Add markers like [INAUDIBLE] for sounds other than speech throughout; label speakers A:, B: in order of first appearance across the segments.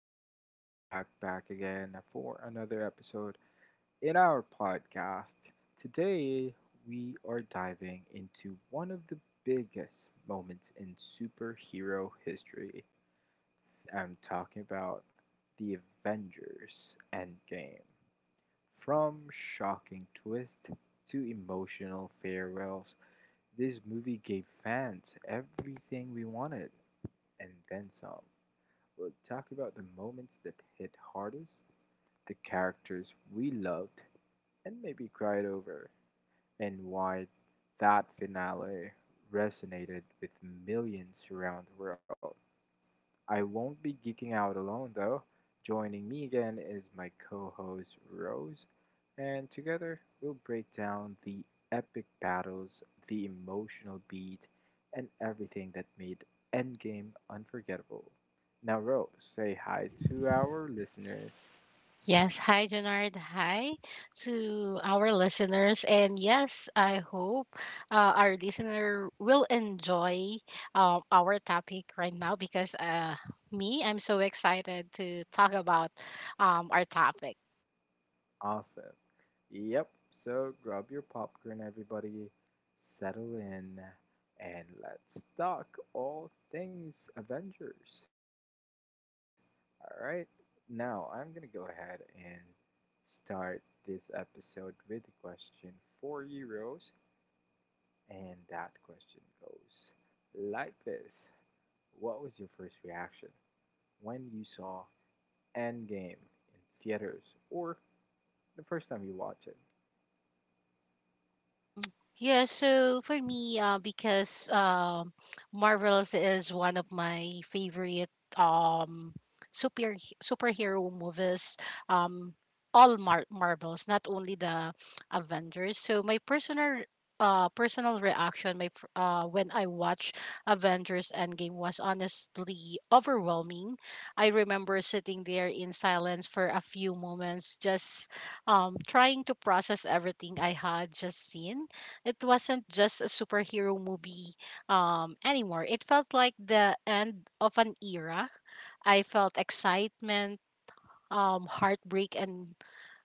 A: and we're back again for another episode in our podcast. Today we are diving into one of the biggest moments in superhero history. I'm talking about the Avengers Endgame. From shocking twist to emotional farewells, this movie gave fans everything we wanted and then some. We'll talk about the moments that hit hardest, the characters we loved and maybe cried over, and why that finale resonated with millions around the world. I won't be geeking out alone though. Joining me again is my co host Rose, and together we'll break down the epic battles, the emotional beat, and everything that made Endgame unforgettable. Now, Rose, say hi to our listeners.
B: Yes, hi Jonard. Hi to our listeners. And yes, I hope our listener will enjoy our topic right now because me, I'm so excited to talk about our topic.
A: Awesome. Yep, so grab your popcorn, everybody, settle in, and let's talk all things Avengers. Alright, now I'm gonna go ahead and start this episode with a question for you, Rose. And that question goes like this: what was your first reaction when you saw Endgame in theaters, or the first time you watched it?
B: Mm. Yeah, so for me, because Marvels is one of my favorite um super superhero movies. Um, all Marvels, not only the Avengers. So my personal reaction when I watched Avengers Endgame was honestly overwhelming. I remember sitting there in silence for a few moments, just trying to process everything I had just seen. It wasn't just a superhero movie anymore. It felt like the end of an era. I felt excitement, heartbreak, and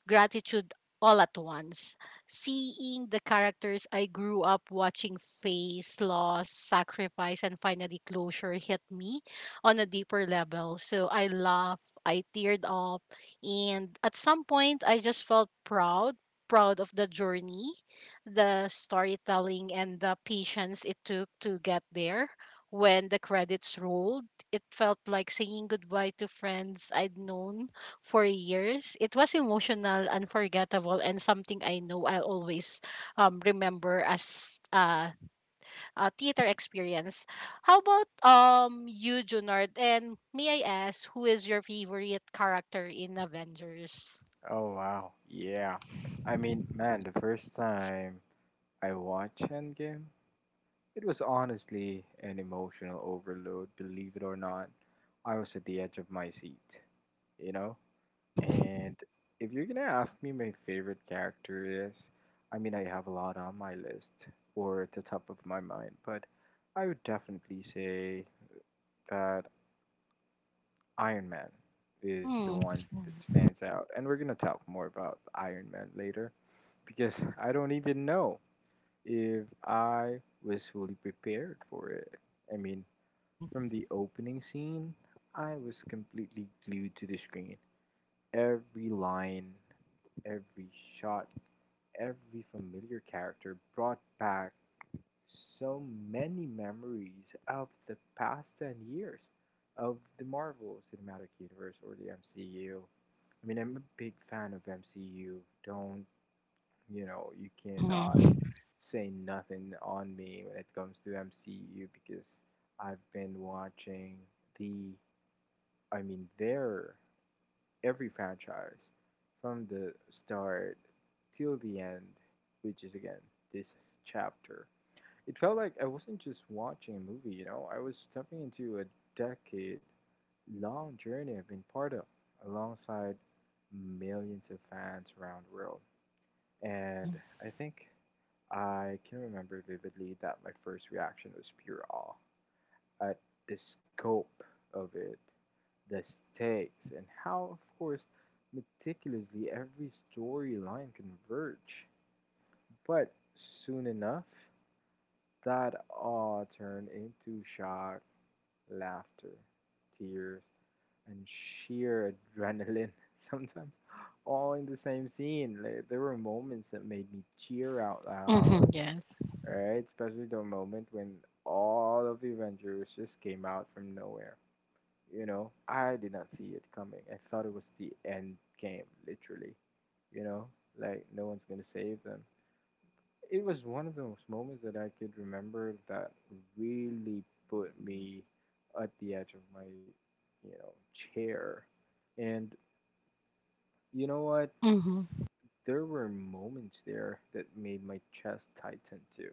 B: gratitude all at once. Seeing the characters I grew up watching face loss, sacrifice, and finally closure hit me on a deeper level. So I laughed, I teared up, and at some point I just felt proud. Proud of the journey, the storytelling, and the patience it took to get there. When the credits rolled, it felt like saying goodbye to friends I'd known for years. It was emotional, unforgettable, and something I know I'll always remember as a theater experience. How about you, Junard? And may I ask, who is your favorite character in Avengers?
A: Oh wow. Yeah. I mean, man, the first time I watched Endgame, it was honestly an emotional overload, believe it or not. I was at the edge of my seat, you know? And if you're gonna ask me my favorite character is, I mean, I have a lot on my list, or at the top of my mind, but I would definitely say that Iron Man is the
B: Mm.
A: one that stands out. And we're gonna talk more about Iron Man later, because I don't even know if I was fully prepared for it. I mean,
B: Mm.
A: from the opening scene, I was completely glued to the screen. Every line, every shot, every familiar character brought back so many memories of the past 10 years of the Marvel Cinematic Universe, or the MCU. I mean, I'm a big fan of MCU. Don't, you know, you
B: Mhm.
A: cannot say nothing on me when it comes to MCU, because I've been watching the I mean their every franchise from the start till the end, which is again this chapter. It felt like I wasn't just watching a movie, you know, I was stepping into a decade long journey I've been part of alongside millions of fans around the world.
B: Mm.
A: And I think I can remember vividly that my first reaction was pure awe at the scope of it, the stakes, and how, of course, meticulously every storyline converged. But soon enough, that awe turned into shock, laughter, tears, and sheer adrenaline [LAUGHS] sometimes all in the same scene. Like, there were moments that made me cheer out
B: Mhm.
A: loud,
B: Yes.
A: right? Especially the moment when all of the Avengers just came out from nowhere. You know, I did not see it coming. I thought it was the end game, literally. You know, like no one's gonna save them. It was one of those moments that I could remember that really put me at the edge of my, you know, chair, and you know what?
B: Mhm.
A: There were moments there that made my chest tighten too,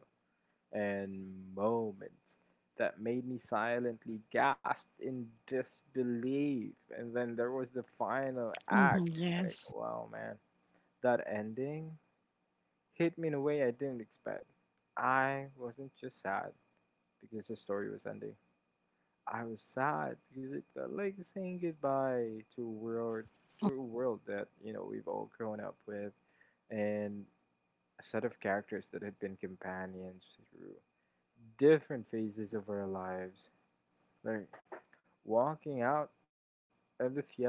A: and moments that made me silently gasp in disbelief. And then there was the final
B: Mhm.
A: act. Like,
B: Yes.
A: wow, man, that ending hit me in a way I didn't expect. I wasn't just sad because the story was ending. I was sad because it felt like saying goodbye to a world, to a world that you know we've all grown up with, and a set of characters that had been companions through different phases of our lives. Like walking out of the theater,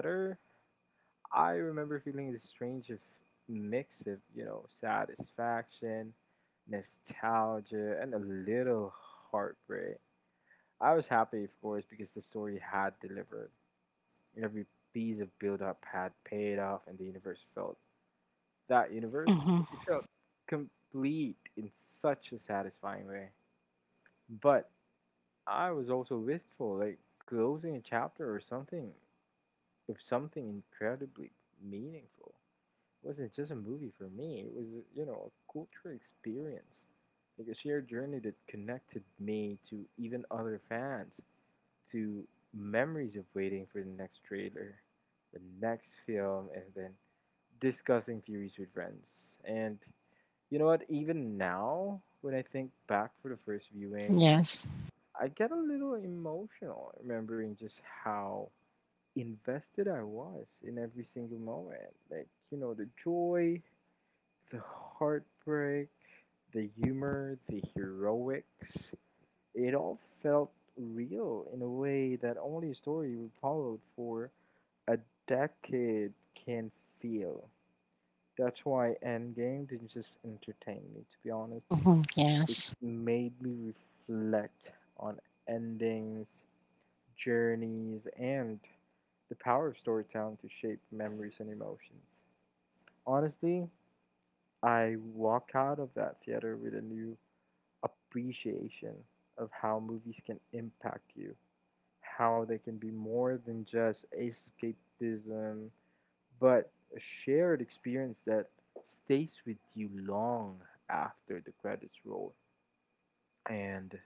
A: I remember feeling this strange mix of, you know, satisfaction, nostalgia, and a little heartbreak. I was happy, of course, because the story had delivered. Every piece of build up had paid off, and the universe felt that universe.
B: Mhm.
A: It felt complete in such a satisfying way. But I was also wistful, like closing a chapter or something with something incredibly meaningful. It wasn't just a movie for me, it was, you know, a cultural experience. Like a shared journey that connected me to even other fans, to memories of waiting for the next trailer, the next film, and then discussing theories with friends. And you know what, even now, when I think back for the first viewing,
B: Yes.
A: I get a little emotional remembering just how invested I was in every single moment. Like, you know, the joy, the heartbreak, the humor, the heroics. It all felt real in a way that only a story we followed for a decade can feel. That's why Endgame didn't just entertain me, to be honest.
B: Mhm.
A: It
B: Yes.
A: made me reflect on endings, journeys, and the power of storytelling to shape memories and emotions. Honestly, I walk out of that theater with a new appreciation of how movies can impact you, how they can be more than just escapism, but a shared experience that stays with you long after the credits roll. And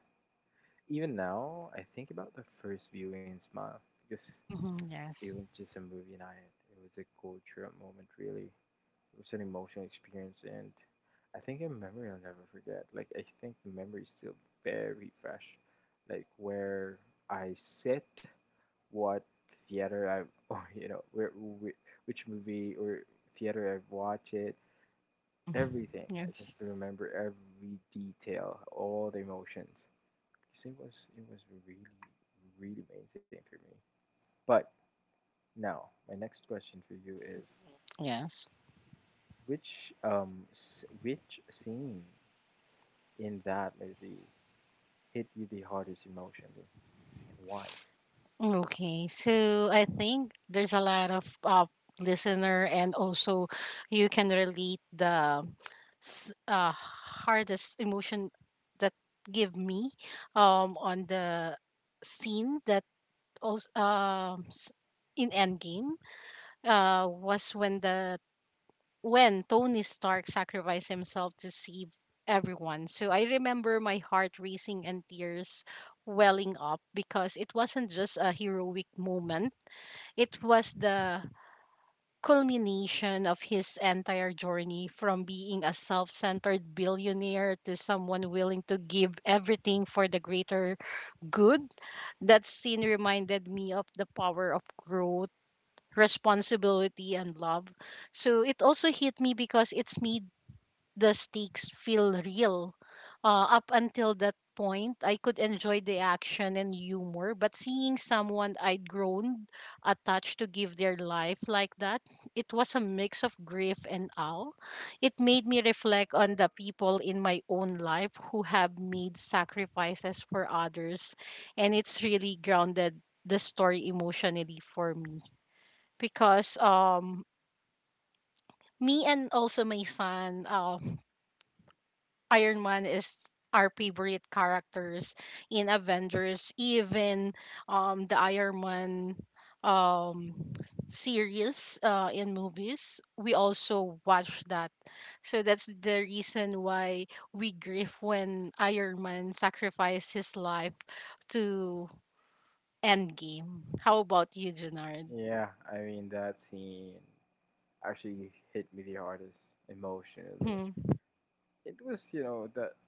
A: even now, I think about the first viewing smile, because
B: Mhm.
A: it
B: Yes.
A: was just a movie night. It was a cool trip moment, really. It was an emotional experience, and I think a memory I'll never forget. Like, I think the memory is still very fresh. Like, where I sit, what theater I've, [LAUGHS] or, you know, where, which movie or theater I've watched it,
B: Mhm.
A: everything. I can
B: Yes.
A: still remember every detail, all the emotions. Because it was really, really amazing for me. But now, my next question for you is:
B: Yes.
A: which which scene in that movie hit you the hardest emotionally, and why?
B: Okay, so I think there's a lot of listener, and also you can relate the hardest emotion that give me on the scene that also s in Endgame was when the when Tony Stark sacrificed himself to save everyone. So I remember my heart racing and tears welling up because it wasn't just a heroic moment, it was the culmination of his entire journey from being a self centered billionaire to someone willing to give everything for the greater good. That scene reminded me of the power of growth. Responsibility and love. So it also hit me because it's made the stakes feel real. Up until that point, I could enjoy the action and humor, but seeing someone I'd grown attached to give their life like that, it was a mix of grief and awe. It made me reflect on the people in my own life who have made sacrifices for others, and it's really grounded the story emotionally for me because me and also my son, Iron Man is our favorite characters in Avengers, even the Iron Man um series, in movies we also watch that. So that's the reason why we grieve when Iron Man sacrificed his life to Endgame. How about you, Junard?
A: Yeah, I mean that scene actually hit me the hardest emotionally.
B: Mm-hmm.
A: It was, you know, the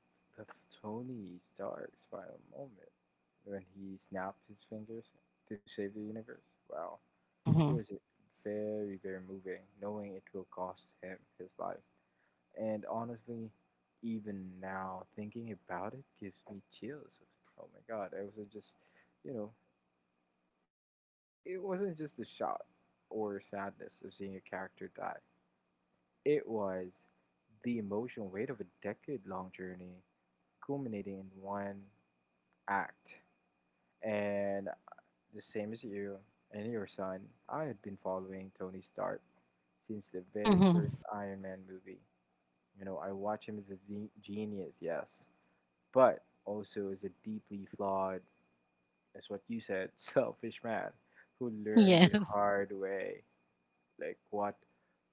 A: the Tony Stark's final moment when he snapped his fingers to save the universe. Wow, it
B: Mm-hmm.
A: was very moving, knowing it will cost him his life. And honestly, even now thinking about it gives me chills. Oh my god, I was not just, you know, it wasn't just the shock or sadness of seeing a character die. It was the emotional weight of a decade-long journey culminating in one act. And the same as you and your son, I had been following Tony Stark since the very first
B: Mm-hmm.
A: Iron Man movie. You know, I watch him as genius, yes, but also is a deeply flawed, as what you said, [LAUGHS] selfish man who learned the
B: Yes.
A: hard way, like what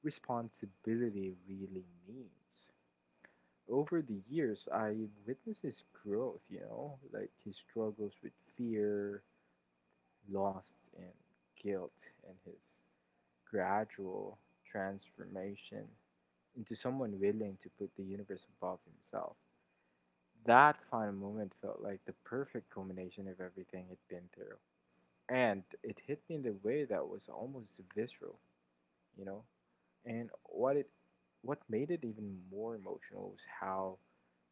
A: responsibility really means. Over the years, I witnessed his growth, you know, like his struggles with fear, loss, and guilt, and his gradual transformation into someone willing to put the universe above himself. That final moment felt like the perfect culmination of everything he'd been through. And it hit me in the way that was almost visceral, you know? And what made it even more emotional was how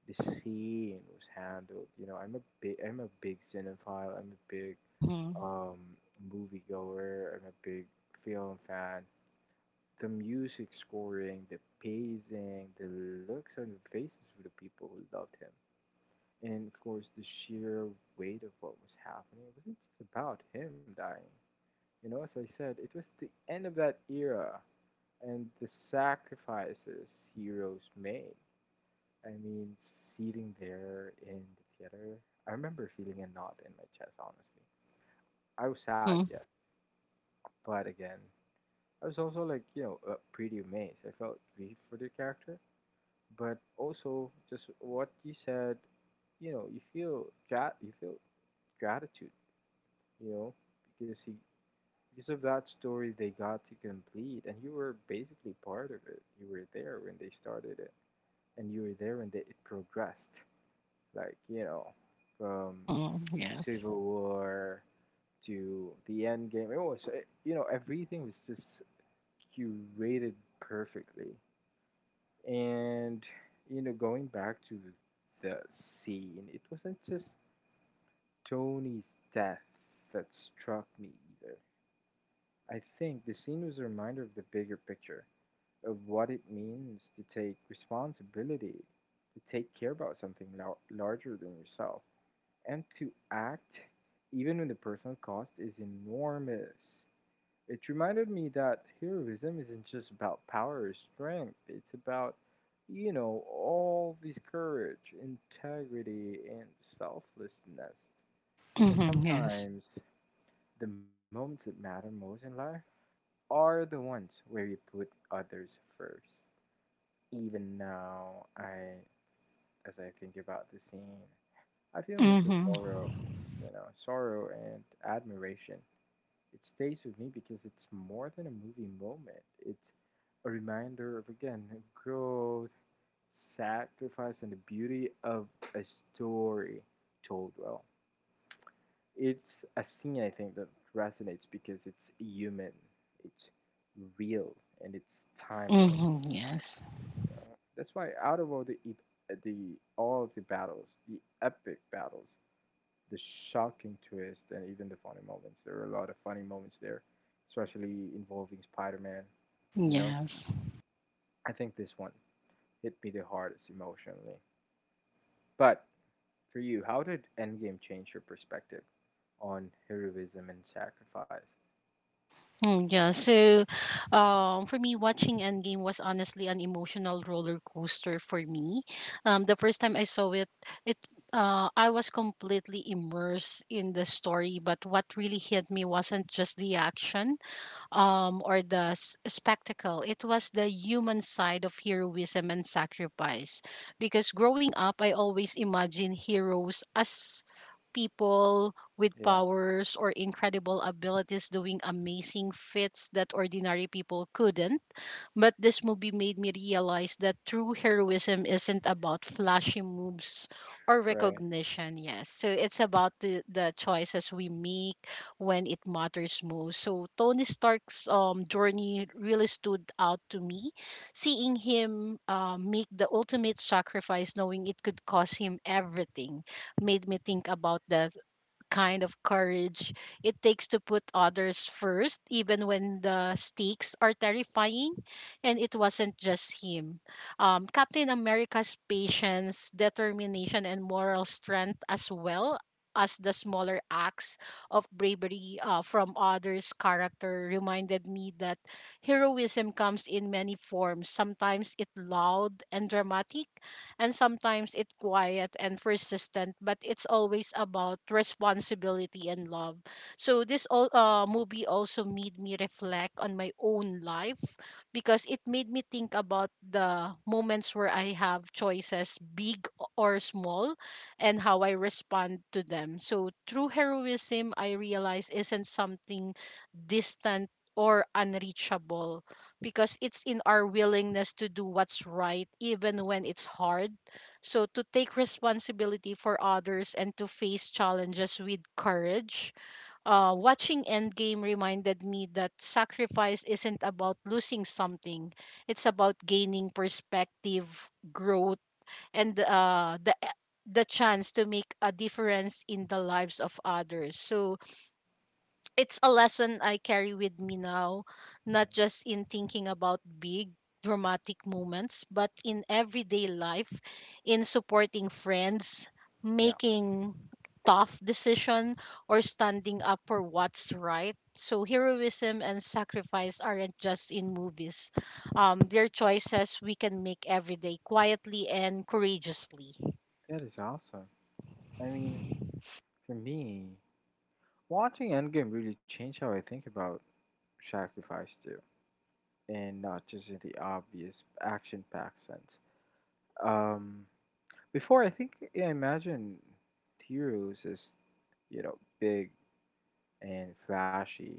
A: the scene was handled. You know, I'm a big cinephile, I'm a big
B: Mm-hmm.
A: um moviegoer, I'm a big film fan. The music scoring, the pacing, the looks on the faces of the people who loved him, and of course the sheer weight of what was happening. It wasn't just about him dying, you know, as I said, it was the end of that era and the sacrifices heroes made. I mean, sitting there in the theater, I remember feeling a knot in my chest, honestly. I was
B: Mm-hmm.
A: sad,
B: Mm-hmm.
A: yes, but again, I was also, like, you know, pretty amazed. I felt grief for the character, but also just what you said, you know, you feel you feel gratitude, you know, because he because of that story they got to complete, and you were basically part of it. You were there when they started it, and you were there when it progressed, like you know, from
B: Mm-hmm. Yes.
A: Civil War to the end game. It was eh, you know, everything was just curated perfectly, and you know, going back to the scene, it wasn't just Tony's death that struck me either. I think the scene was a reminder of the bigger picture, of what it means to take responsibility, to take care about something larger than yourself, and to act even when the personal cost is enormous. It reminded me that heroism isn't just about power or strength, it's about, you know, all this courage, integrity, and selflessness.
B: Mm-hmm.
A: And
B: Yes.
A: sometimes the moments that matter most in life are the ones where you put others first. Even now, I as I think about the scene, I feel a mix of
B: Mm-hmm.
A: sorrow, you know, sorrow and admiration. It stays with me because it's more than a movie moment. It's a reminder of again of growth, sacrifice, and the beauty of a story told well. It's a scene I think that resonates because it's human, it's real, and it's timeless.
B: Mm-hmm. Yes.
A: You know? That's why out of all the e-, the all of the battles, the epic battles, the shocking twist, and even the funny moments, there are a lot of funny moments there, especially involving Spider-Man. You know,
B: Yes.
A: I think this one hit me the hardest emotionally. But for you, how did Endgame change your perspective on heroism and sacrifice?
B: Mm, yeah. So, for me, watching Endgame was honestly an emotional roller coaster for me. The first time I saw it, it I was completely immersed in the story. But what really hit me wasn't just the action, or the spectacle. It was the human side of heroism and sacrifice. Because growing up, I always imagined heroes as people with
A: Yeah,
B: powers or incredible abilities doing amazing feats that ordinary people couldn't. But this movie made me realize that true heroism isn't about flashy moves or
A: right.
B: recognition. Yes. So it's about the choices we make when it matters most. So Tony Stark's journey really stood out to me. Seeing him make the ultimate sacrifice, knowing it could cost him everything, made me think about the kind of courage it takes to put others first, even when the stakes are terrifying. And it wasn't just him. Captain America's patience, determination, and moral strength, as well as the smaller acts of bravery, from others' character, reminded me that heroism comes in many forms. Sometimes it's loud and dramatic and sometimes it's quiet and persistent, but it's always about responsibility and love. So this all movie also made me reflect on my own life because it made me think about the moments where I have choices, big or small, and how I respond to them. So true heroism, I realize, isn't something distant or unreachable because it's in our willingness to do what's right even when it's hard, so to take responsibility for others and to face challenges with courage. Uh, watching endgame reminded me that sacrifice isn't about losing something, it's about gaining perspective, growth, and the chance to make a difference in the lives of others. So it's a lesson I carry with me now, not
A: Mhm.
B: just in thinking about big dramatic moments, but in everyday life, in supporting friends,
A: Yeah,
B: making tough decision or standing up for what's right. So heroism and sacrifice aren't just in movies. They're choices we can make every day, quietly and courageously.
A: that is awesome. I mean, for me, watching Endgame really changed how I think about sacrifice too, and not just in the obvious action-packed sense. Um, Before I think yeah, I imagine heroes as you know big and flashy,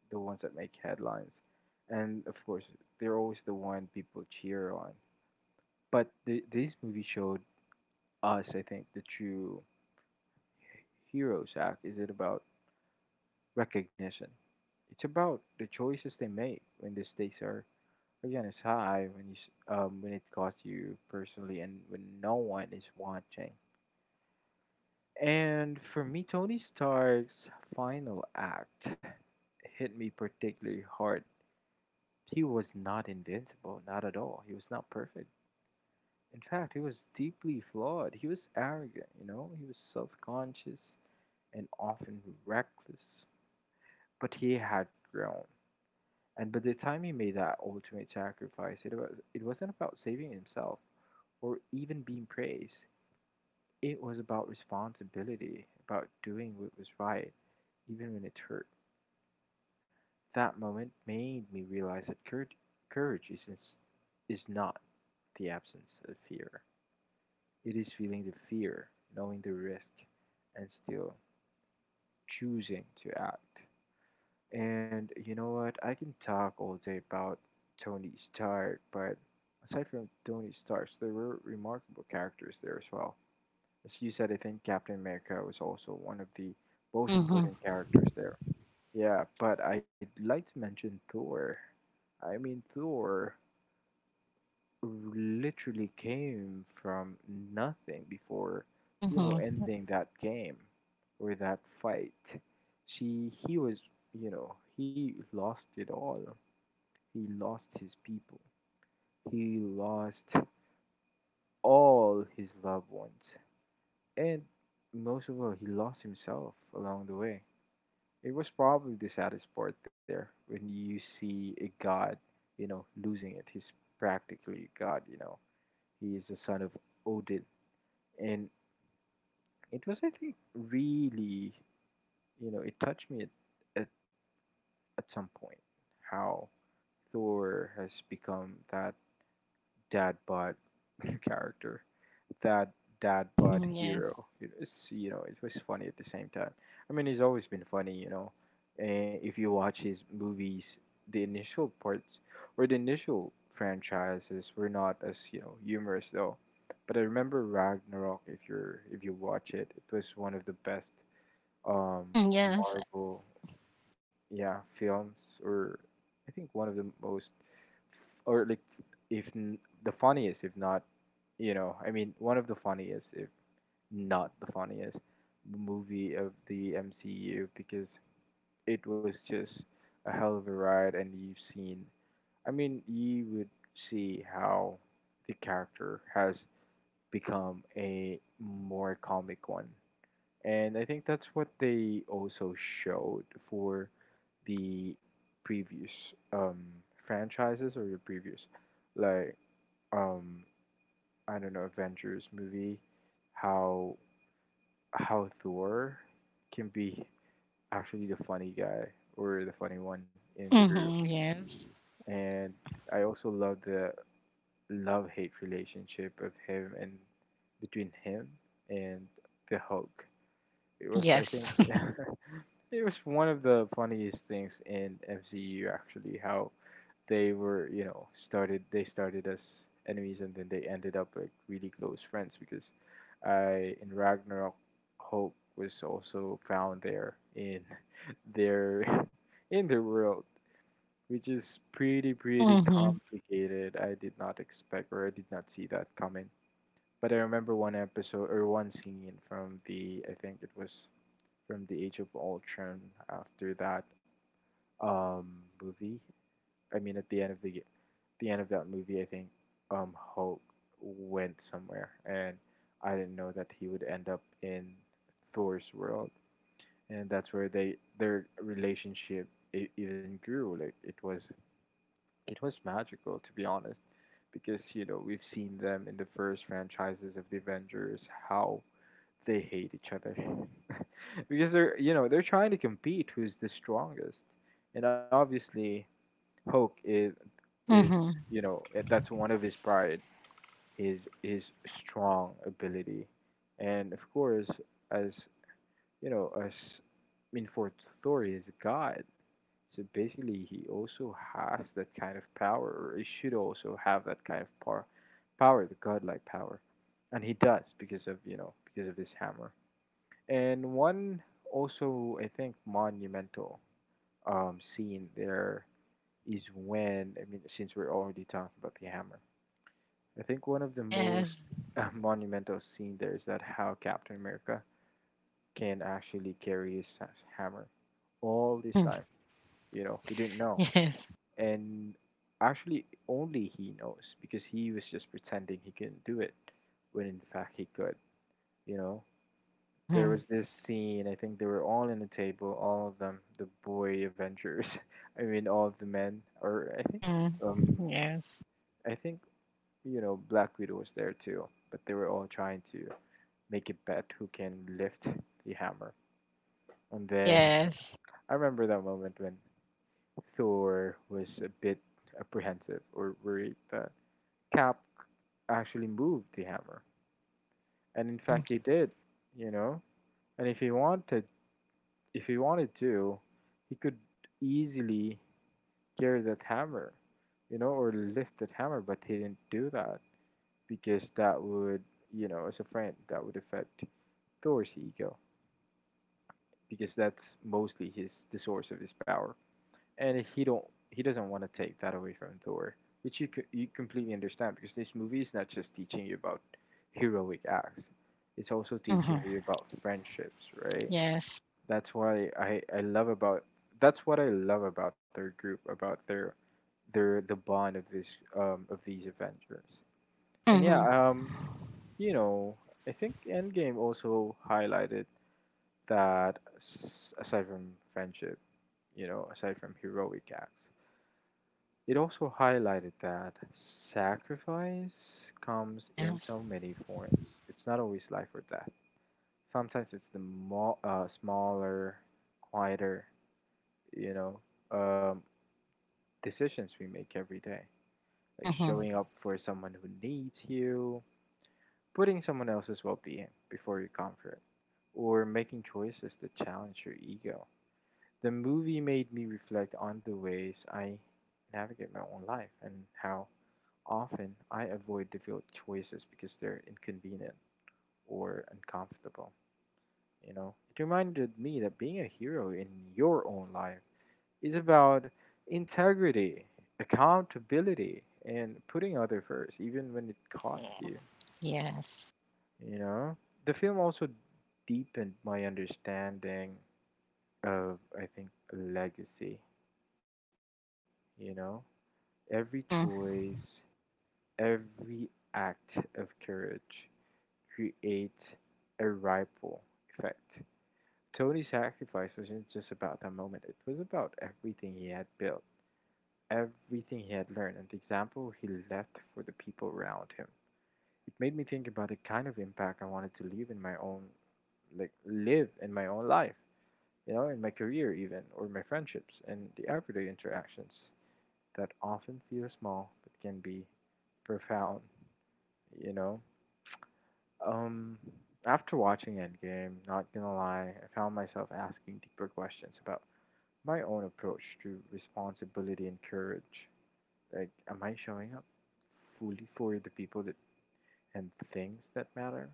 A: the ones that make headlines, and of course they're always the one people cheer on. But this movie showed us, I think, the true heroes act. Is it about recognition. It's about the choices they make when the stakes are again it's high when when it costs you personally and when no one is watching. And for me, Tony Stark's final act hit me particularly hard. He was not invincible, not at all. He was not perfect. In fact, he was deeply flawed. He was arrogant, you know, he was self conscious and often reckless. But he had grown. And by the time he made that ultimate sacrifice, it wasn't about saving himself or even being praised. It was about responsibility, about doing what was right, even when it hurt. That moment made me realize that courage is not the absence of fear. It is feeling the fear, knowing the risk, and still choosing to act. And you know what? I can talk all day about Tony Stark, but aside from Tony Stark, there were remarkable characters there as well. As you said, I think Captain America was also one of the most
B: Mm-hmm.
A: important characters there. Yeah, but I'd like to mention Thor. I mean, Thor literally came from nothing before, you know,
B: Mm-hmm.
A: ending that game or that fight. He was, you know, he lost it all he lost his people. He lost all his loved ones. And most of all, he lost himself along the way. It was probably the saddest part there when you see a god, you know, losing it. He's practically a god, you know. He is the son of Odin. And it was, I think, really, you know, it touched me at, at, at some point how Thor has become that dad bod [LAUGHS] character that dad bod
B: Mm-hmm. Yes.
A: hero. It was, you know, it was funny at the same time. I mean, he's always been funny, you know. And if you watch his movies, the initial parts or the initial franchises were not as you know humorous though. But I remember Ragnarok. If you watch it, it was one of the best um
B: Mm, yes.
A: Marvel yeah films or I think one of the most or like if n- the funniest if not you know I mean one of the funniest if not the funniest movie of the MCU because it was just a hell of a ride, and you've seen. I mean, you would see how the character has become a more comic one, and I think that's what they also showed for the previous franchises or the previous, like um, I don't know, Avengers movie, how how Thor can be actually the funny guy or the funny one in the group.
B: Mm-hmm. Yes.
A: And I also love the love hate relationship of him and between him and the Hulk. It was I think
B: Yes.
A: [LAUGHS] it was one of the funniest things in MCU actually how they were, you know, started they started as enemies and then they ended up like really close friends because I in Ragnarok Hope was also found there in [LAUGHS] their [LAUGHS] in their world, which is pretty
B: [LAUGHS]
A: pretty
B: hmm
A: complicated. I did not expect or I did not see that coming. But I remember one episode or one scene from the I think it was from the Age of Ultron after that um, movie. I mean, at the end of the end of that movie, I think Hulk went somewhere, and I didn't know that he would end up in Thor's world, and that's where they their relationship even grew. Like it was magical to be honest, because you know we've seen them in the first franchises of the Avengers how they hate each other [LAUGHS] because they're you know they're trying to compete who's the strongest and obviously Hulk is
B: hmm
A: you know that's one of his pride his strong ability and of course as you know as I mean for Thor he is a god so basically he also has that kind of power or he should also have that kind of power the godlike power and he does because of you know because of his hammer and one also, I think, monumental scene there is when, I mean, since we're already talking about the hammer, I think one of the most
B: Yes.
A: [LAUGHS] monumental scene there is that how Captain America can actually carry his hammer all this
B: Mhm.
A: time. You know, we didn't know.
B: Yes.
A: And actually, only he knows because he was just pretending he couldn't do it when in fact he could, you know? There
B: hmm
A: was this scene. I think they were all in a table, all of them, the boy Avengers. [LAUGHS] I mean, all of the men, or
B: hmm
A: um,
B: Yes.
A: I think you know, Black Widow was there too. But they were all trying to make a bet who can lift the hammer. And then
B: Yes.
A: I remember that moment when Thor was a bit apprehensive or worried that Cap actually moved the hammer, and in
B: hmm
A: fact he did. You know, and if he wanted to, he could easily carry that hammer, you know, or lift that hammer, but he didn't do that because that would, you know, as a friend, that would affect Thor's ego because that's mostly his the source of his power, and he doesn't want to take that away from Thor, which you completely understand because this movie is not just teaching you about heroic acts, it's also teaching you
B: hmm
A: about friendships, right?
B: Yes.
A: That's why I I love about that's what I love about their group about their the bond of this of these Avengers. And yeah,
B: hmm
A: um you know, I think Endgame also highlighted aside from friendship, you know, aside from heroic acts, it also highlighted that sacrifice comes in
B: Yes.
A: so many forms. It's not always life or death. Sometimes it's the smaller, quieter you know um, decisions we make every day like
B: hmm
A: showing up for someone who needs you putting someone else's well-being before your comfort or making choices that challenge your ego. The movie made me reflect on the ways I navigate my own life and how often I avoid difficult choices because they're inconvenient or uncomfortable. You know it reminded me that being a hero in your own life is about integrity, accountability, and putting others first, even when it costs you.
B: Yes.
A: You know, the film also deepened my understanding of, I think, legacy. You know, every
B: hmm
A: choice, every act of courage creates a ripple effect. Tony's sacrifice wasn't just about that moment, it was about everything he had built everything he had learned and the example he left for the people around him. It made me think about the kind of impact I wanted to leave in my own like live in my own life, you know, in my career even or my friendships and the everyday interactions that often feel small but can be profound, you know. Um After watching Endgame, not gonna lie, I found myself asking deeper questions about my own approach to responsibility and courage. Like, am I showing up fully for the people that and things that matter?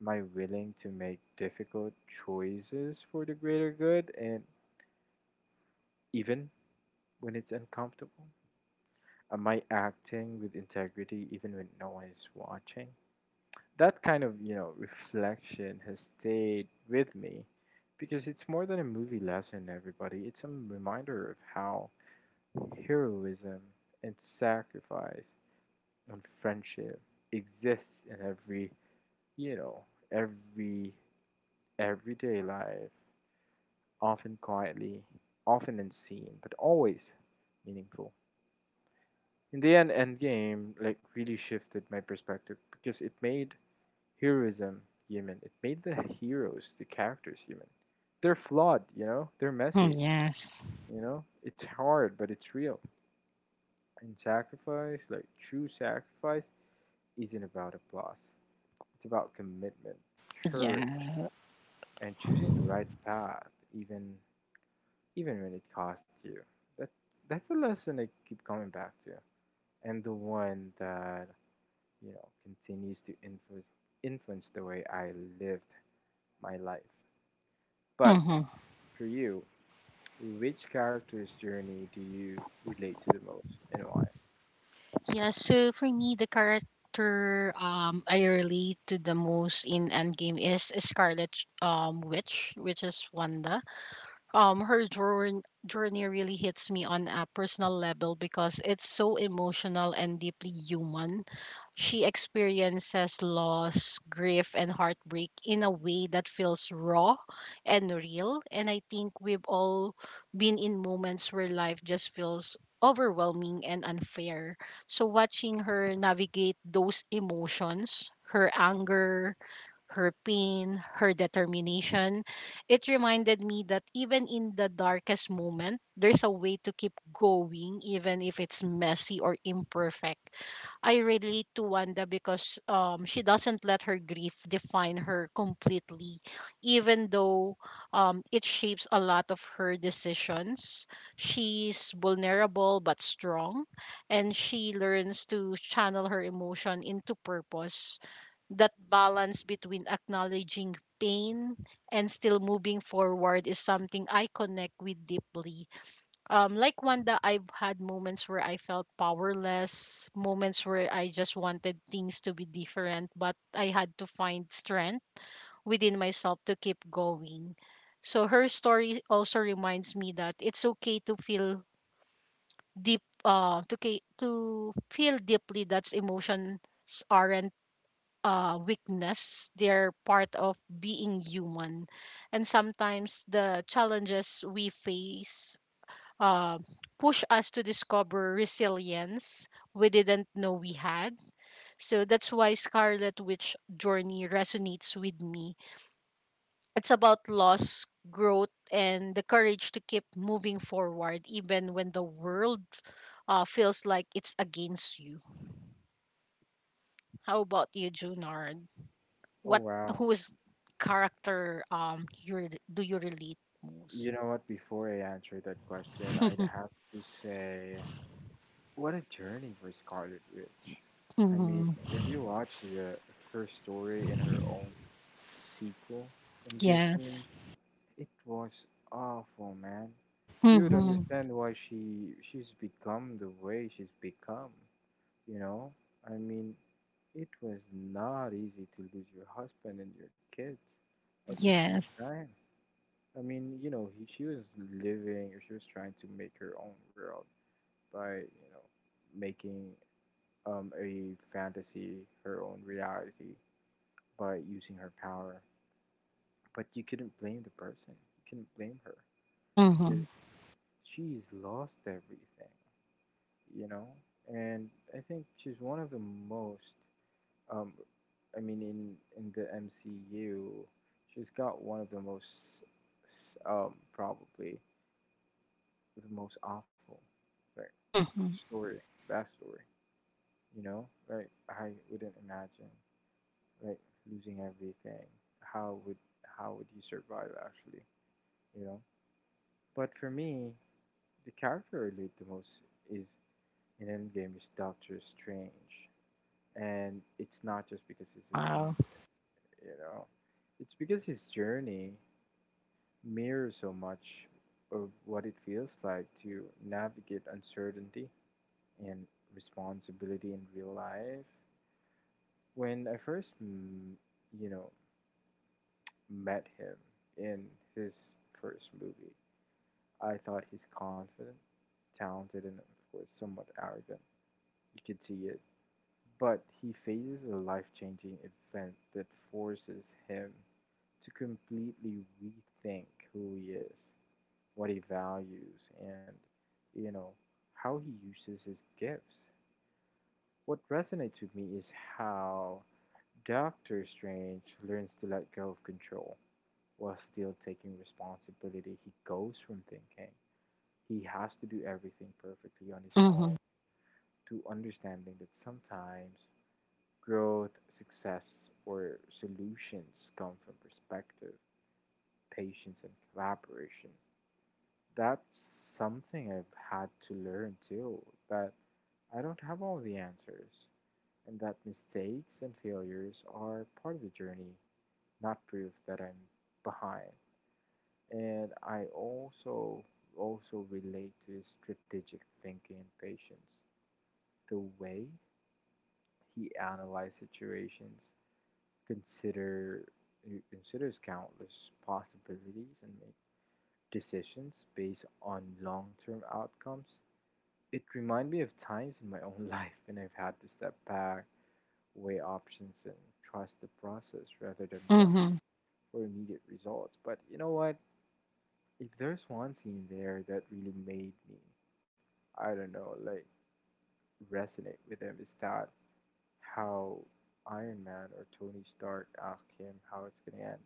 A: Am I willing to make difficult choices for the greater good and even when it's uncomfortable? Am I acting with integrity even when no one is watching? That kind of, you know, [LAUGHS] reflection has stayed with me because it's more than a movie lesson, everybody. It's a reminder of how heroism and sacrifice and friendship exists in every, you know, every everyday life, often quietly, often unseen, but always meaningful. In the end, Endgame like really shifted my perspective because it made heroism human. It made the heroes, the characters human. They're flawed, you know. They're
B: hmm
A: messy,
B: Yes.
A: you know. It's hard, but it's real. And sacrifice, like true sacrifice, isn't about applause. It's about commitment, courage,
B: Yeah.
A: and choosing the right path even even when it costs you. That's that's a lesson I keep coming back to. And the one that, you know, continues to influence the way I lived my life. But
B: hmm
A: for you, which character's journey do you relate to the most and why?
B: Yeah. So for me, the character I relate to the most in Endgame is Scarlet Witch, which is Wanda. Her journey really hits me on a personal level because it's so emotional and deeply human. She experiences loss, grief, and heartbreak in a way that feels raw and real, and I think we've all been in moments where life just feels overwhelming and unfair. So watching her navigate those emotions, her anger, her pain, her determination. It reminded me that even in the darkest moment, there's a way to keep going, even if it's messy or imperfect. I relate to Wanda because she doesn't let her grief define her completely, even though it shapes a lot of her decisions. She's vulnerable but strong, and she learns to channel her emotion into purpose. That balance between acknowledging pain and still moving forward is something I connect with deeply. Like Wanda, I've had moments where I felt powerless, moments where I just wanted things to be different, but I had to find strength within myself to keep going. So her story also reminds me that it's okay to feel to feel deeply, that's emotions aren't weakness. They're part of being human. And sometimes the challenges we face uh, push us to discover resilience we didn't know we had. So that's why Scarlet Witch Journey resonates with me. It's about loss, growth, and the courage to keep moving forward, even when the world feels like it's against you. How about you, Junard?
A: Oh
B: What
A: wow.
B: Whose character do you relate
A: You
B: most?
A: know what, before I answer that question, I'd have to say what a journey for Scarlet Witch. I mean,
B: Mm-hmm.
A: if you watch the her story in her own sequel in Disney,
B: Yes.
A: it was awful, man. You would
B: Mm-hmm.
A: understand why she's become the way she's become, you know? I mean, it was not easy to lose your husband and your kids at the same
B: Yes.
A: time. I mean, you know, she was she was trying to make her own world by, you know, making a fantasy, her own reality, by using her power. But you couldn't blame the person. You couldn't blame her because
B: Mm-hmm.
A: she's lost everything, you know? And I think she's one of the most, um, I mean, in the MCU, she's got one of the most, probably the most awful, like,
B: Mm-hmm.
A: story, backstory, you know? Like, I wouldn't imagine like losing everything, how would how would you survive actually, you know? But for me, the character I relate the most is in Endgame is Doctor Strange, and it's not just because he's a
B: Wow.
A: genius, you know. It's because his journey mirrors so much of what it feels like to navigate uncertainty and responsibility in real life. When I first you know met him in his first movie. I thought he's confident, talented, and of course somewhat arrogant. You could see it. But he faces a life changing event that forces him to completely rethink who he is, what he values, and, you know, how he uses his gifts. What resonates with me is how Doctor Strange learns to let go of control while still taking responsibility. He goes from thinking he has to do everything perfectly on his own
B: Mm-hmm.
A: to understanding that sometimes growth, success, or solutions come from perspective, patience, and collaboration. That's something I've had to learn too, that I don't have all the answers, and that mistakes and failures are part of the journey, not proof that I'm behind. And I also relate to his strategic thinking and patience. The way he analyzes situations, consider he considers countless possibilities and make decisions based on long-term outcomes. It reminds me of times in my [LAUGHS] own life when I've had to step back, weigh options, and trust the process rather than rush
B: Mm-hmm.
A: for immediate results. But you know what? If there's one scene there that really made me, I don't know, like resonate with him is that how Iron Man or Tony Stark asked him how it's gonna end.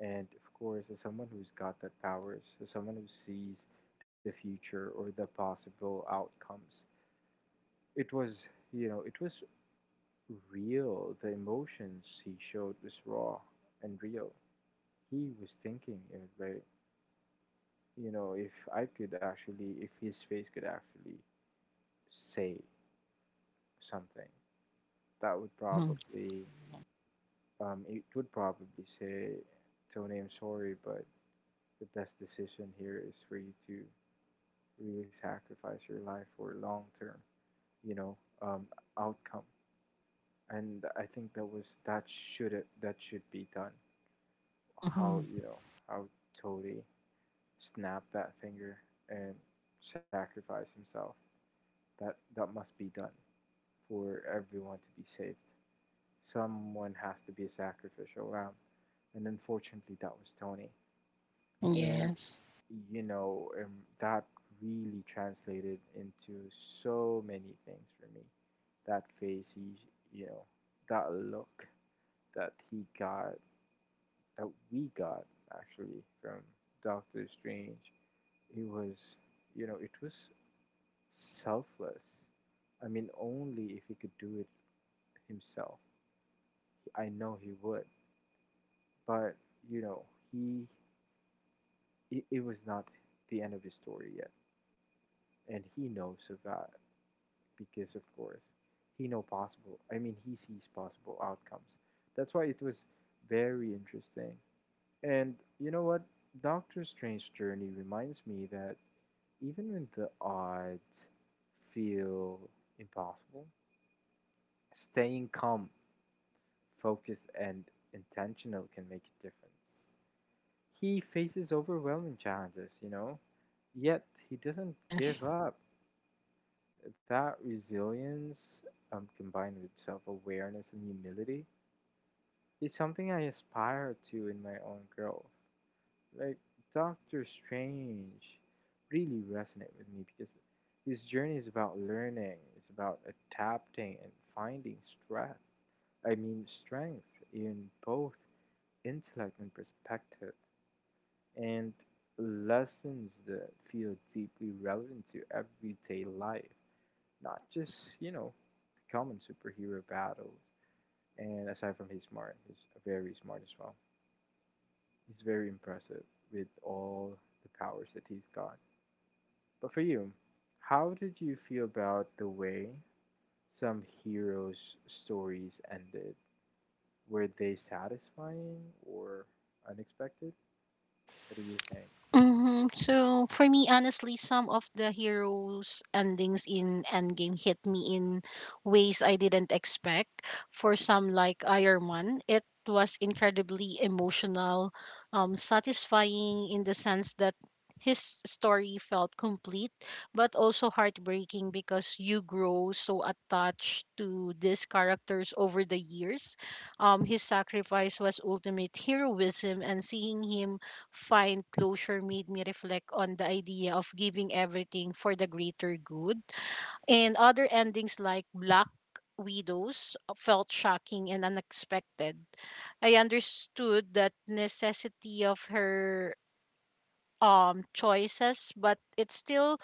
A: And of course, as someone who's got that powers, as someone who sees the future or the possible outcomes, it was, it was real. The emotions he showed was raw and real. He was thinking in a way, you know, if I could actually, if his face could actually say something, that would
B: Mm-hmm.
A: probably it would probably say, Tony, I'm sorry, but the best decision here is for you to really sacrifice your life for long term, you know, um, outcome. And I think that was that should be done. How,
B: Mm-hmm.
A: you know, how Tony snapped that finger and sacrificed himself. That must be done for everyone to be saved. Someone has to be a sacrificial lamb, and unfortunately, that was Tony. And
B: Yes.
A: you know, and that really translated into so many things for me. That face, you know, that look that he got, that we got actually from Doctor Strange, it was, you know, it was selfless. I mean, only if he could do it himself. I know he would, but you know, he it was not the end of his story yet, and he knows of that. Because of course he know possible I mean he sees possible outcomes. That's why it was very interesting. And you know what, Doctor Strange's journey reminds me that even when the odds feel impossible, staying calm, focused, and intentional can make a difference. He faces overwhelming challenges, you know, yet he doesn't give
B: Yes.
A: up. That resilience, combined with self-awareness and humility is something I aspire to in my own growth. Like, Doctor Strange really resonate with me because his journey is about learning, it's about adapting and finding strength. I mean strength in both intellect and perspective and lessons that feel deeply relevant to everyday life, not just, you know, the common superhero battles. And aside from he's smart, he's very smart as well. He's very impressive with all the powers that he's got. But for you, how did you feel about the way some heroes' stories ended? Were they satisfying or unexpected? What do you think?
B: hmm So for me, honestly, some of the heroes' endings in Endgame hit me in ways I didn't expect. For some, like Iron Man, it was incredibly emotional, satisfying in the sense that his story felt complete, but also heartbreaking because you grow so attached to these characters over the years. His sacrifice was ultimate heroism, and seeing him find closure made me reflect on the idea of giving everything for the greater good. And other endings, like Black Widow's, felt shocking and unexpected. I understood that necessity of her choices, but it still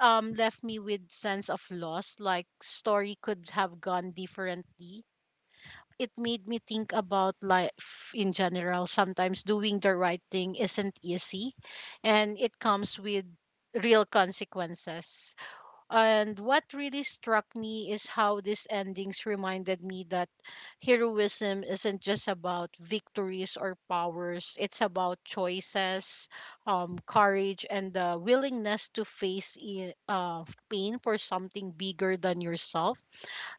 B: left me with sense of loss, like story could have gone differently. It made me think about life in general. Sometimes doing the right thing isn't easy, and it comes with real consequences. And what really struck me is how these endings reminded me that heroism isn't just about victories or powers, it's about choices, courage, and the willingness to face pain for something bigger than yourself.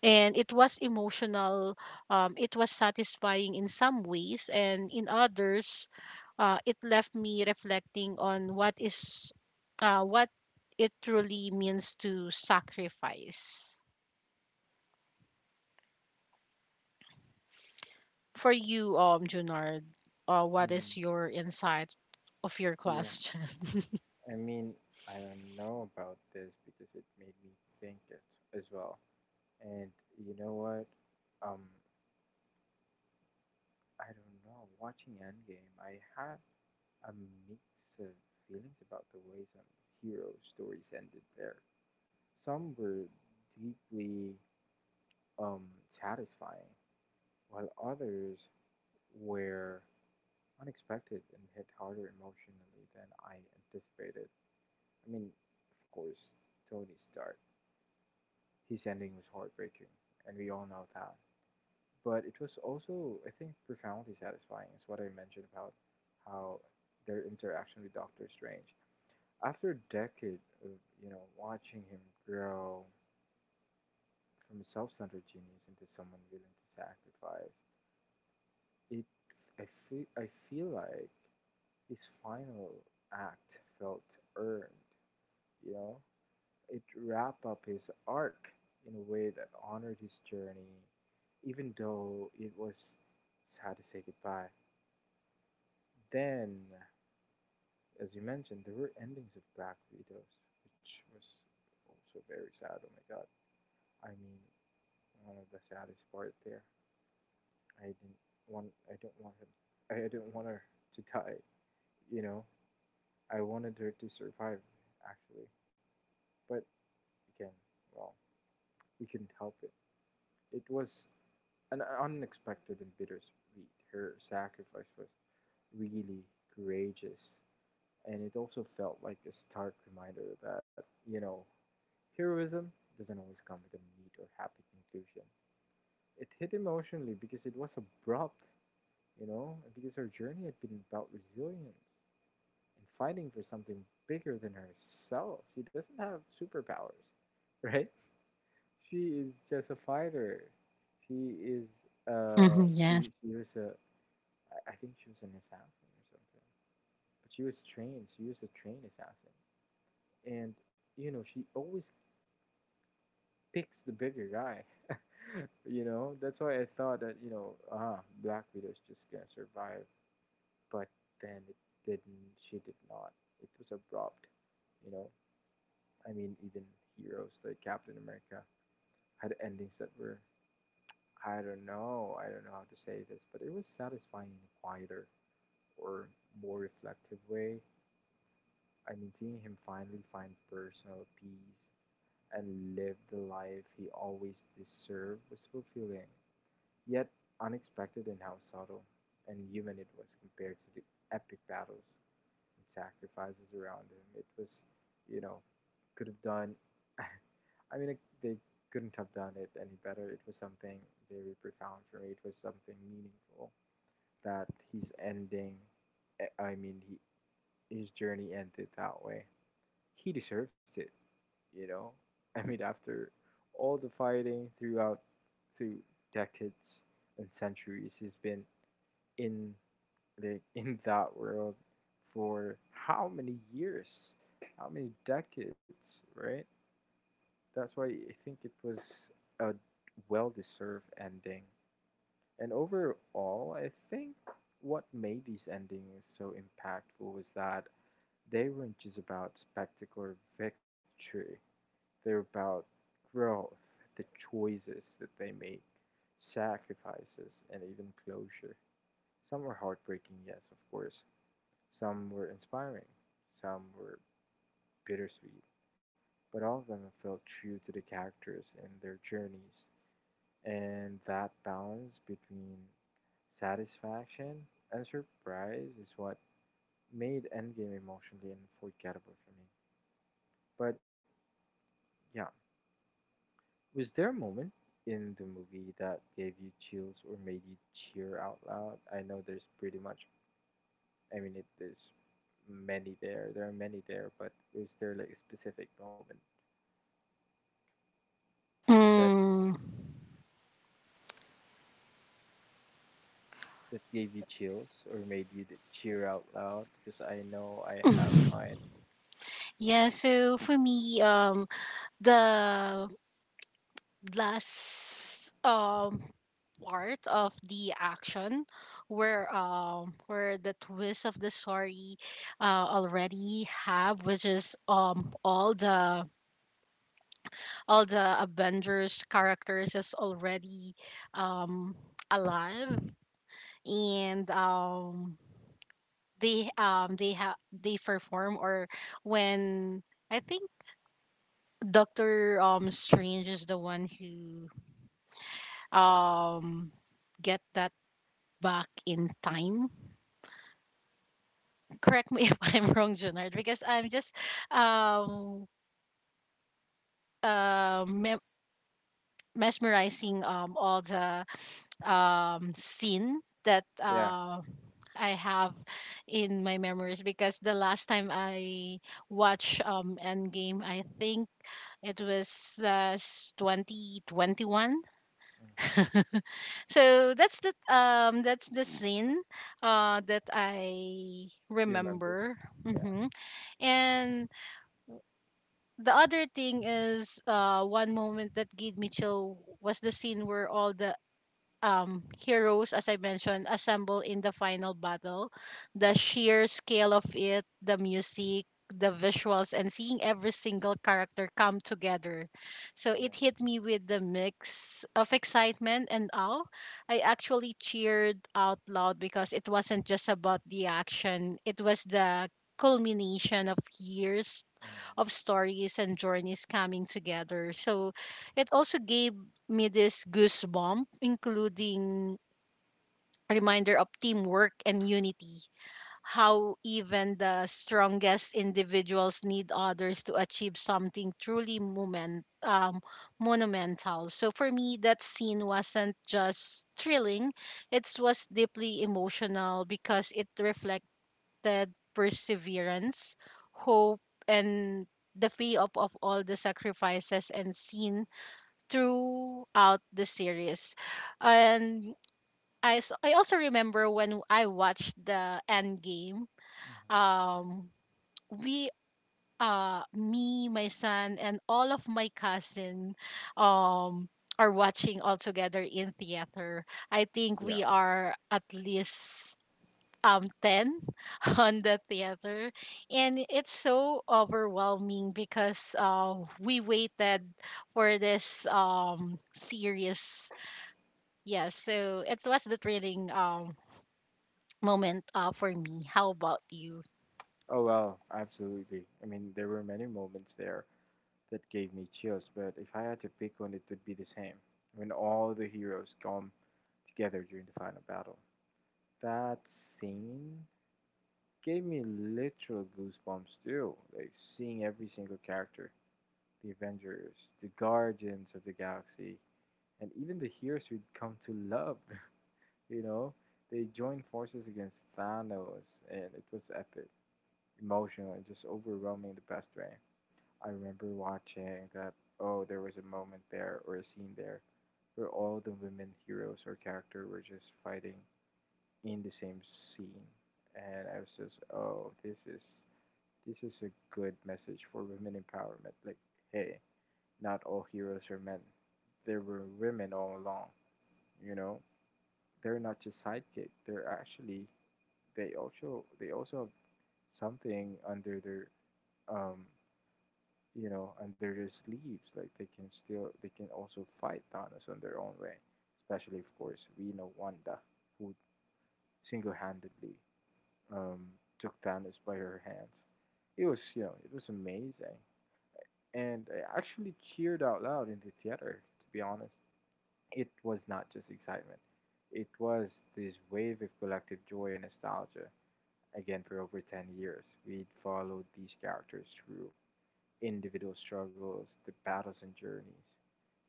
B: And it was emotional, it was satisfying in some ways, and in others, it left me reflecting on what is. What it truly means to sacrifice. For you, Junard, what
A: Mm,
B: is your insight of your
A: yeah,
B: question?
A: I mean, I don't know about this because it made me think it as well. And you know what? Um, I don't know. Watching Endgame, I had a mix of feelings about the way some hero stories ended there. Some were deeply, satisfying, while others were unexpected and hit harder emotionally than I anticipated. I mean, of course, Tony Stark. His ending was heartbreaking, and we all know that. But it was also, I think, profoundly satisfying. It's what I mentioned about how their interaction with Doctor Strange. After a decade of, you know, watching him grow from a self-centered genius into someone willing to sacrifice, it I feel like his final act felt earned, you know? It wrapped up his arc in a way that honored his journey, even though it was sad to say goodbye. Then, as you mentioned, there were endings of Black Widows, which was also very sad. Oh my god. I mean, one of the saddest part there. I didn't want I don't want him I didn't want her to die, you know. I wanted her to survive actually. But again, well, we couldn't help it. It was an unexpected and bittersweet. Her sacrifice was really courageous and it also felt like a stark reminder that, you know, heroism doesn't always come with a neat or happy conclusion. It hit emotionally because it was abrupt, you know, because her journey had been about resilience and fighting for something bigger than herself. She doesn't have superpowers, [LAUGHS] right? She is just a fighter. She is
B: [LAUGHS] hmm yes.
A: she was a, I think she was an assassin or something. But she was trained. She was a trained assassin, and you know she always picks the bigger guy. [LAUGHS] You know, that's why I thought that, you know, ah, Black Widow's just gonna survive. But then it didn't. She did not. It was abrupt. You know, I mean, even heroes like Captain America had endings that were, I don't know. I don't know how to say this, but it was satisfying in a quieter or more reflective way. I mean, seeing him finally find personal peace and live the life he always deserved was fulfilling, yet unexpected in how subtle and human it was compared to the epic battles and sacrifices around him. It was, you know, could have done. [LAUGHS] I mean, they couldn't have done it any better. It was something very profound for me. It was something meaningful that he's ending. I mean, his journey ended that way. He deserved it, you know. I mean, after all the fighting throughout, through decades and centuries, he's been in, like, in that world for how many years, how many decades, right? That's why I think it was a well deserved ending. And overall, I think what made these endings so impactful was that they weren't just about spectacular victory, they're about growth, the choices that they make, sacrifices, and even closure. Some were heartbreaking, yes, of course. Some were inspiring, some were bittersweet, but all of them felt true to the characters and their journeys. And that balance between satisfaction and surprise is what made Endgame emotionally unforgettable for me. But yeah, was there a moment in the movie that gave you chills or made you cheer out loud? I know there's pretty much, I mean, there's many there. There are many there, but is there like a specific moment that
B: Mm,
A: gave you chills or made you to cheer out loud? Because I know I have mine.
B: yeah, so for me, the last part of the action where where the twist of the story already have, which is all the Avengers characters is already um alive, and they perform, or when I think Doctor Strange is the one who um get that back in time. Correct me [LAUGHS] if I'm wrong, Junard, because I'm just um uh, me- mesmerizing all the scene that
A: Yeah.
B: I have in my memories because the last time I watched Endgame, I think it was 2021.
A: Hmm.
B: So that's the scene that I
A: You remember?
B: remember.
A: Yeah.
B: Hmm And the other thing is, one moment that gave me chill was the scene where all the heroes, as I mentioned, assemble in the final battle. The
A: Hmm.
B: sheer scale of it, the music, the visuals, and seeing every single character come together. So it
A: Yeah.
B: hit me with the mix of excitement and awe. I actually cheered out loud because it wasn't just about the action, it was the culmination of years of stories and journeys coming together. So it also gave me this goosebump,
A: Mm-hmm.
B: including a reminder of teamwork and unity, how even the strongest individuals need others to achieve something truly monumental. So for me, that scene wasn't just thrilling, it was deeply emotional because it reflected perseverance, hope, and the fee of all the sacrifices and seen throughout the series. And I also remember when I watched the end game,
A: Mm-hmm.
B: um, we me, my son, and all of my cousin um are watching all together in theater. I think
A: Yeah.
B: we are at least 10 [LAUGHS] on the theater and it's so overwhelming because we waited for this series, yeah, so it was the thrilling moment for me. How about you?
A: Oh, well, absolutely. I mean, there were many moments there that gave me chills, but if I had to pick one, it would be the same. When all the heroes come together during the final battle. That scene gave me literal goosebumps, too. Like, seeing every single character, the Avengers, the Guardians of the Galaxy, and even the heroes we'd come to love, [LAUGHS] you know? They joined forces against Thanos, and it was epic, emotional, and just overwhelming the best way. I remember watching that, oh, there was a moment there or a scene there where all the women heroes or character were just fighting in the same scene. And I was just, oh, this is a good message for women empowerment. Like, hey, not all heroes are men. There were women all along, you know. They're not just sidekick. They're actually they also have something under their um under their sleeves. Like they can also fight Thanos on their own way. Especially of course we know Wanda who single handedly um took Thanos by her hands. It was it was amazing, and I actually cheered out loud in the theater. To be honest, it was not just excitement. It was this wave of collective joy and nostalgia. Again, for over 10 years, we'd followed these characters through individual struggles, the battles and journeys,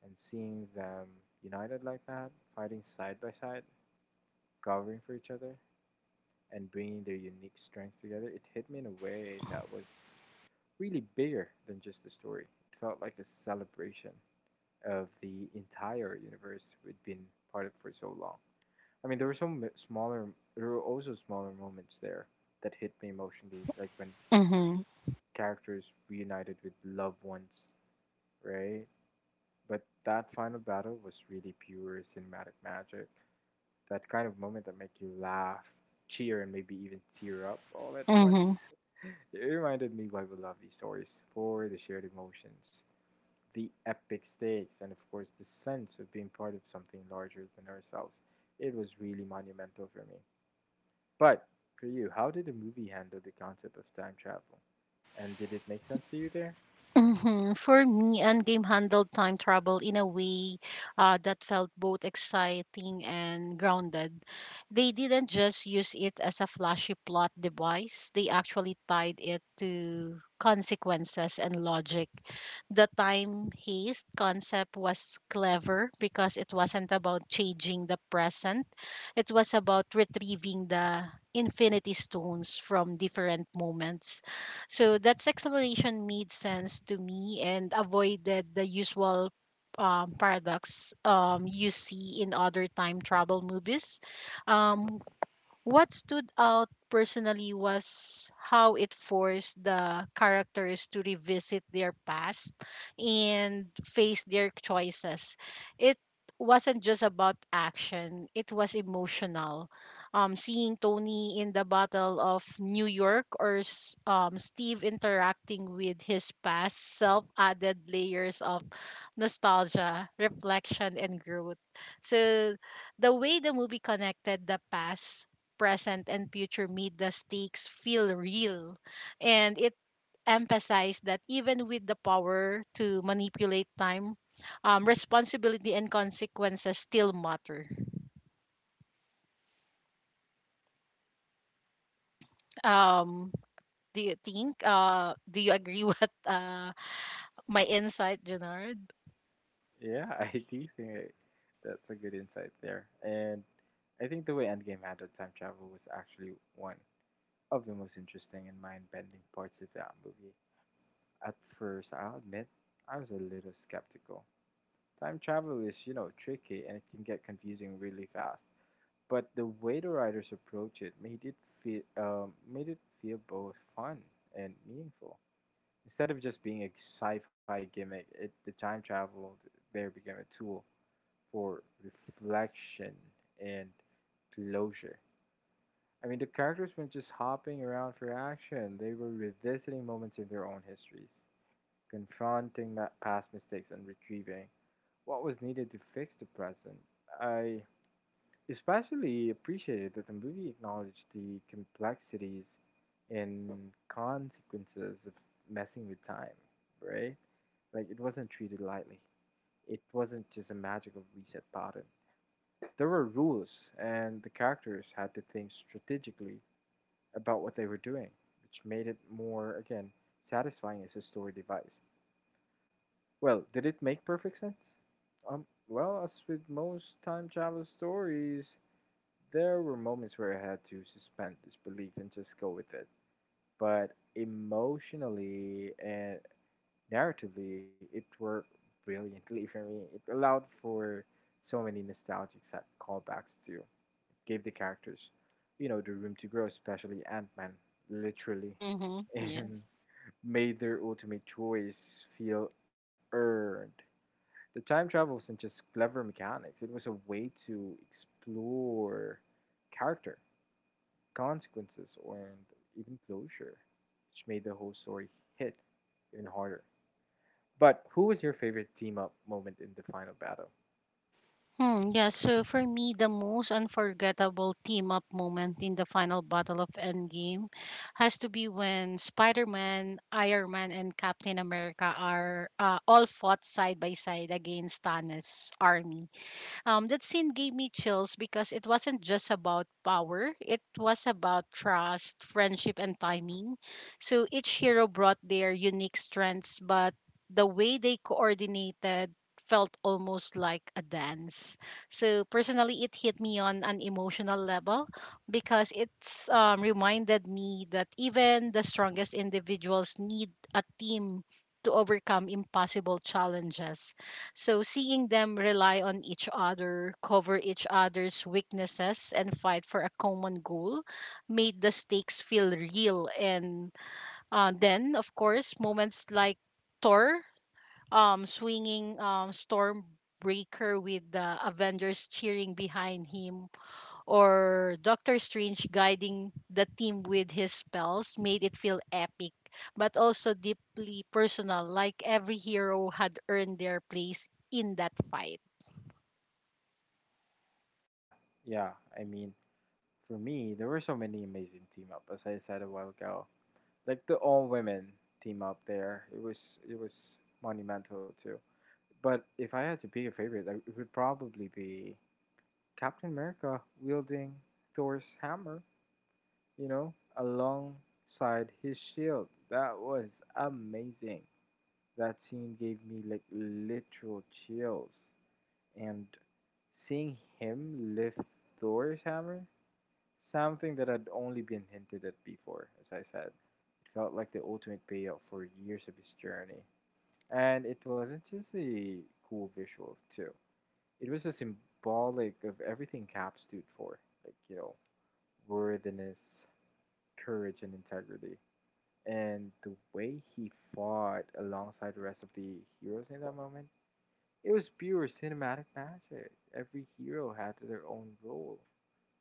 A: and seeing them united like that, fighting side by side, covering for each other, and bringing their unique strengths together, it hit me in a way that was really bigger than just the story. It felt like a celebration of the entire universe we'd been part of for so long. I mean, there were also smaller moments there that hit me emotionally, like when
B: Mm-hmm.
A: characters reunited with loved ones, right? But that final battle was really pure cinematic magic. That kind of moment that make you laugh, cheer, and maybe even tear up all at
B: Mm-hmm.
A: once. [LAUGHS] It reminded me why we love these stories for the shared emotions, the epic stakes, and of course the sense of being part of something larger than ourselves. It was really monumental for me. But for you, how did the movie handle the concept of time travel? And did it make sense to you there?
B: Hmm. For me, Endgame handled time travel in a way that felt both exciting and grounded. They didn't just use it as a flashy plot device, they actually tied it to consequences and logic. The time haste concept was clever because it wasn't about changing the present, it was about retrieving the infinity stones from different moments, so that explanation made sense to me and avoided the usual paradox you see in other time travel movies. Um, what stood out personally was how it forced the characters to revisit their past and face their choices. It wasn't just about action, it was emotional. Seeing Tony in the Battle of New York or Steve interacting with his past self added layers of nostalgia, reflection, and growth. So, the way the movie connected the past, present and future made the stakes feel real. And it emphasized that even with the power to manipulate time, responsibility and consequences still matter. Um, do you think? Do you agree [LAUGHS] with my insight, Gennard?
A: Yeah, [LAUGHS] I do think that's a good insight there. And I think the way Endgame handled time travel was actually one of the most interesting and mind bending parts of that movie. At first, I'll admit, I was a little skeptical. Time travel is, you know, tricky and it can get confusing really fast. But the way the writers approach it made it feel both fun and meaningful. Instead of just being a sci-fi gimmick, the time travel there became a tool for reflection and closure. I mean, the characters weren't just hopping around for action; they were revisiting moments in their own histories, confronting past mistakes, and retrieving what was needed to fix the present. I especially appreciated that the movie acknowledged the complexities and consequences of messing with time, right? Like it wasn't treated lightly. It wasn't just a magical reset button. There were rules, and the characters had to think strategically about what they were doing, which made it more, again, satisfying as a story device. Well, did it make perfect sense? Well, as with most time travel stories, there were moments where I had to suspend disbelief and just go with it. But emotionally and narratively, it worked brilliantly for me. It allowed for so many nostalgic set callbacks too. It gave the characters, you know, the room to grow, especially Ant Man, literally,
B: Mm-hmm.
A: and
B: Yes.
A: [LAUGHS] made their ultimate choice feel earned. The time travel wasn't just clever mechanics, it was a way to explore character, consequences, or and even closure, which made the whole story hit even harder. But who was your favorite team up moment in the final battle?
B: Hmm, yeah, so for me, the most unforgettable team up moment in the final battle of Endgame has to be when Spider Man, Iron Man, and Captain America are all fought side by side against Thanos' army. That scene gave me chills because it wasn't just about power, it was about trust, friendship, and timing. So each hero brought their unique strengths, but the way they coordinated felt almost like a dance. So personally, it hit me on an emotional level because it's reminded me that even the strongest individuals need a team to overcome impossible challenges. So seeing them rely on each other, cover each other's weaknesses, and fight for a common goal made the stakes feel real. And then, of course, moments like Thor swinging Stormbreaker with the Avengers cheering behind him or Doctor Strange guiding the team with his spells made it feel epic, but also deeply personal, like every hero had earned their place in that fight.
A: Yeah, yeah. I mean, for me, there were so many amazing team up. As I said a while ago, like the all women team up there, it was monumental too. But if I had to pick a favorite, it would probably be Captain America wielding Thor's hammer, you know, alongside his shield. That was amazing. That scene gave me like literal chills, and seeing him lift Thor's hammer, something that had only been hinted at before, as I said, it felt like the ultimate payout for years of his journey. And it wasn't just a cool visual, too. It was a symbolic of everything Cap stood for, like, you know, worthiness, courage, and integrity. And the way he fought alongside the rest of the heroes in that moment, it was pure cinematic magic. Every hero had their own role,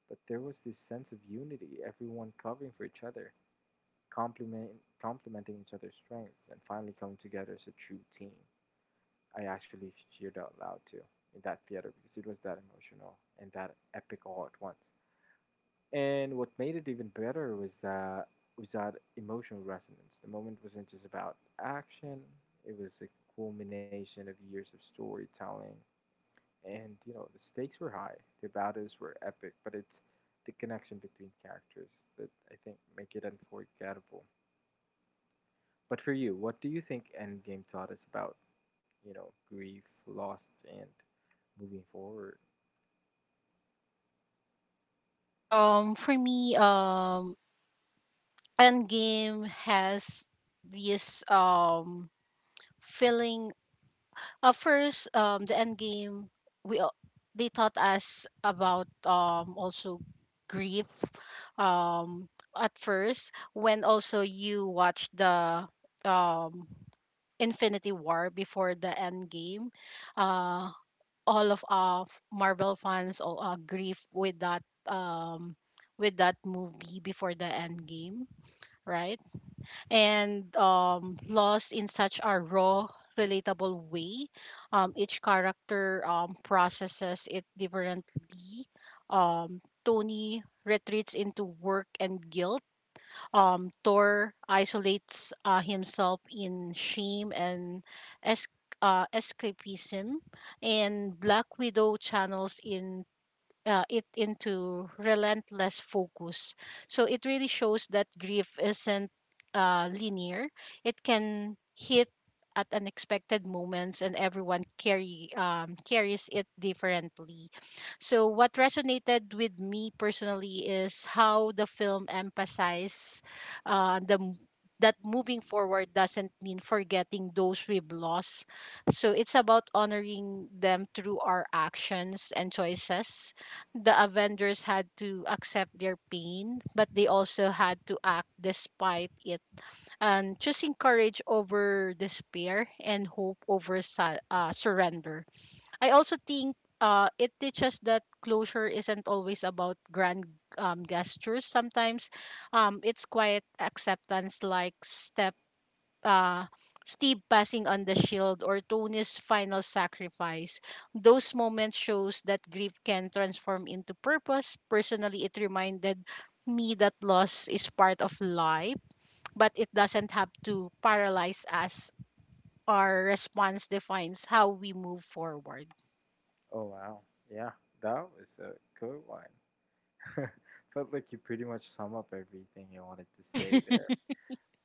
A: but there was this sense of unity, everyone covering for each other, complement, complementing each other's strengths, and finally coming together as a true team. I actually cheered out loud too in that theater because it was that emotional and that epic all at once. And what made it even better was that emotional resonance. The moment wasn't just about action; it was a culmination of years of storytelling, and you know the stakes were high. The battles were epic, but it's the connection between characters that I think make it unforgettable. But for you, what do you think Endgame taught us about grief, loss, and moving forward?
B: For me, Endgame has this feeling. First, the end game, we al- they taught us about also grief. Um, at first, when also you watch the um Infinity War before the end game, uh, all of Marvel fans all grief with that with that movie before the end game, right? And lost in such a raw, relatable way. Each character processes it differently. Tony retreats into work and guilt. Thor isolates himself in shame and es- escapism, and Black Widow channels in it into relentless focus. So it really shows that grief isn't linear. It can hit at unexpected moments, and everyone carry carries it differently. So what resonated with me personally is how the film emphasized uh, the m- that moving forward doesn't mean forgetting those we've lost. So it's about honoring them through our actions and choices. The Avengers had to accept their pain, but they also had to act despite it, and choosing courage over despair and hope over surrender. I also think it teaches that closure isn't always about grand gestures. Sometimes it's quiet acceptance, like step uh, Steve passing on the shield or Tony's final sacrifice. Those moments shows that grief can transform into purpose. Personally, it reminded me that loss is part of life, but it doesn't have to paralyze us. Our response defines how we move forward. [LAUGHS]
A: Oh wow, yeah, that was a good one. [LAUGHS] Felt like you pretty much sum up everything I wanted to say there.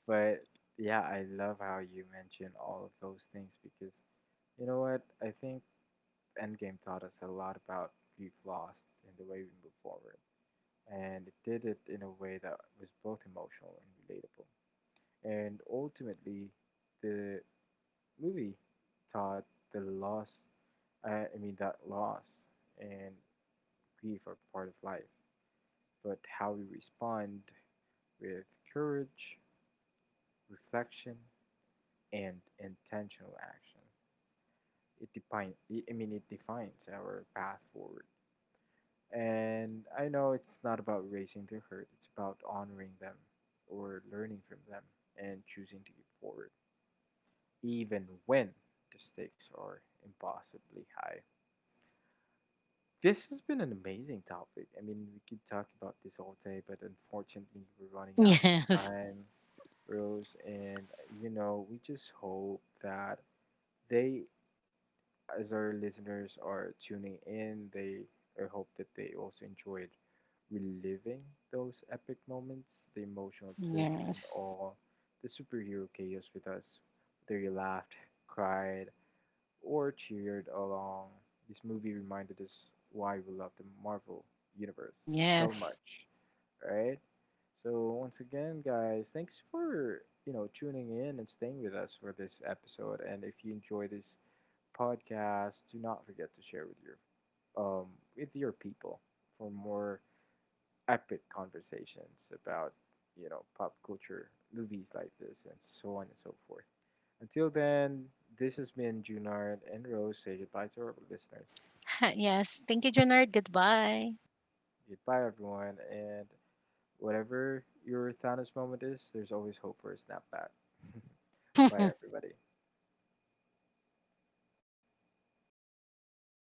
A: But yeah, I love how you mention all of those things because you know what? I think Endgame taught us a lot about grief lost and the way we move forward. And it did it in a way that was both emotional and relatable. And ultimately, the movie taught the loss, I I mean, that loss and grief are part of life. But how we respond with courage, reflection, and intentional action. It defines, I mean, it defines our path forward. And I know it's not about raising their hurt, it's about honoring them or learning from them and choosing to keep forward, even when the stakes are impossibly high. This has been an amazing topic. I mean, we could talk about this all day, but unfortunately, we're running out of
B: Yes.
A: time, Rose. And, you know, we just hope that they as our listeners are tuning in, they I hope that they also enjoyed reliving those epic moments, the emotional twist, and
B: Yes.
A: all the superhero chaos with us. Whether you laughed, cried, or cheered along, this movie reminded us why we love the Marvel Universe so
B: Yes.
A: much, right? So once again, guys, thanks for tuning in and staying with us for this episode. And if you enjoy this podcast, do not forget to share um with your people for more epic conversations about pop culture movies like this and so on and so forth. Until then, this has been Junard and Rose. Say goodbye to our listeners.
B: [LAUGHS] Ha- Yes. Thank you, Junard. Goodbye.
A: Goodbye, everyone. And whatever your Thanos moment is, there's always hope for a snapback. [LAUGHS] Bye,
B: [LAUGHS]
A: everybody.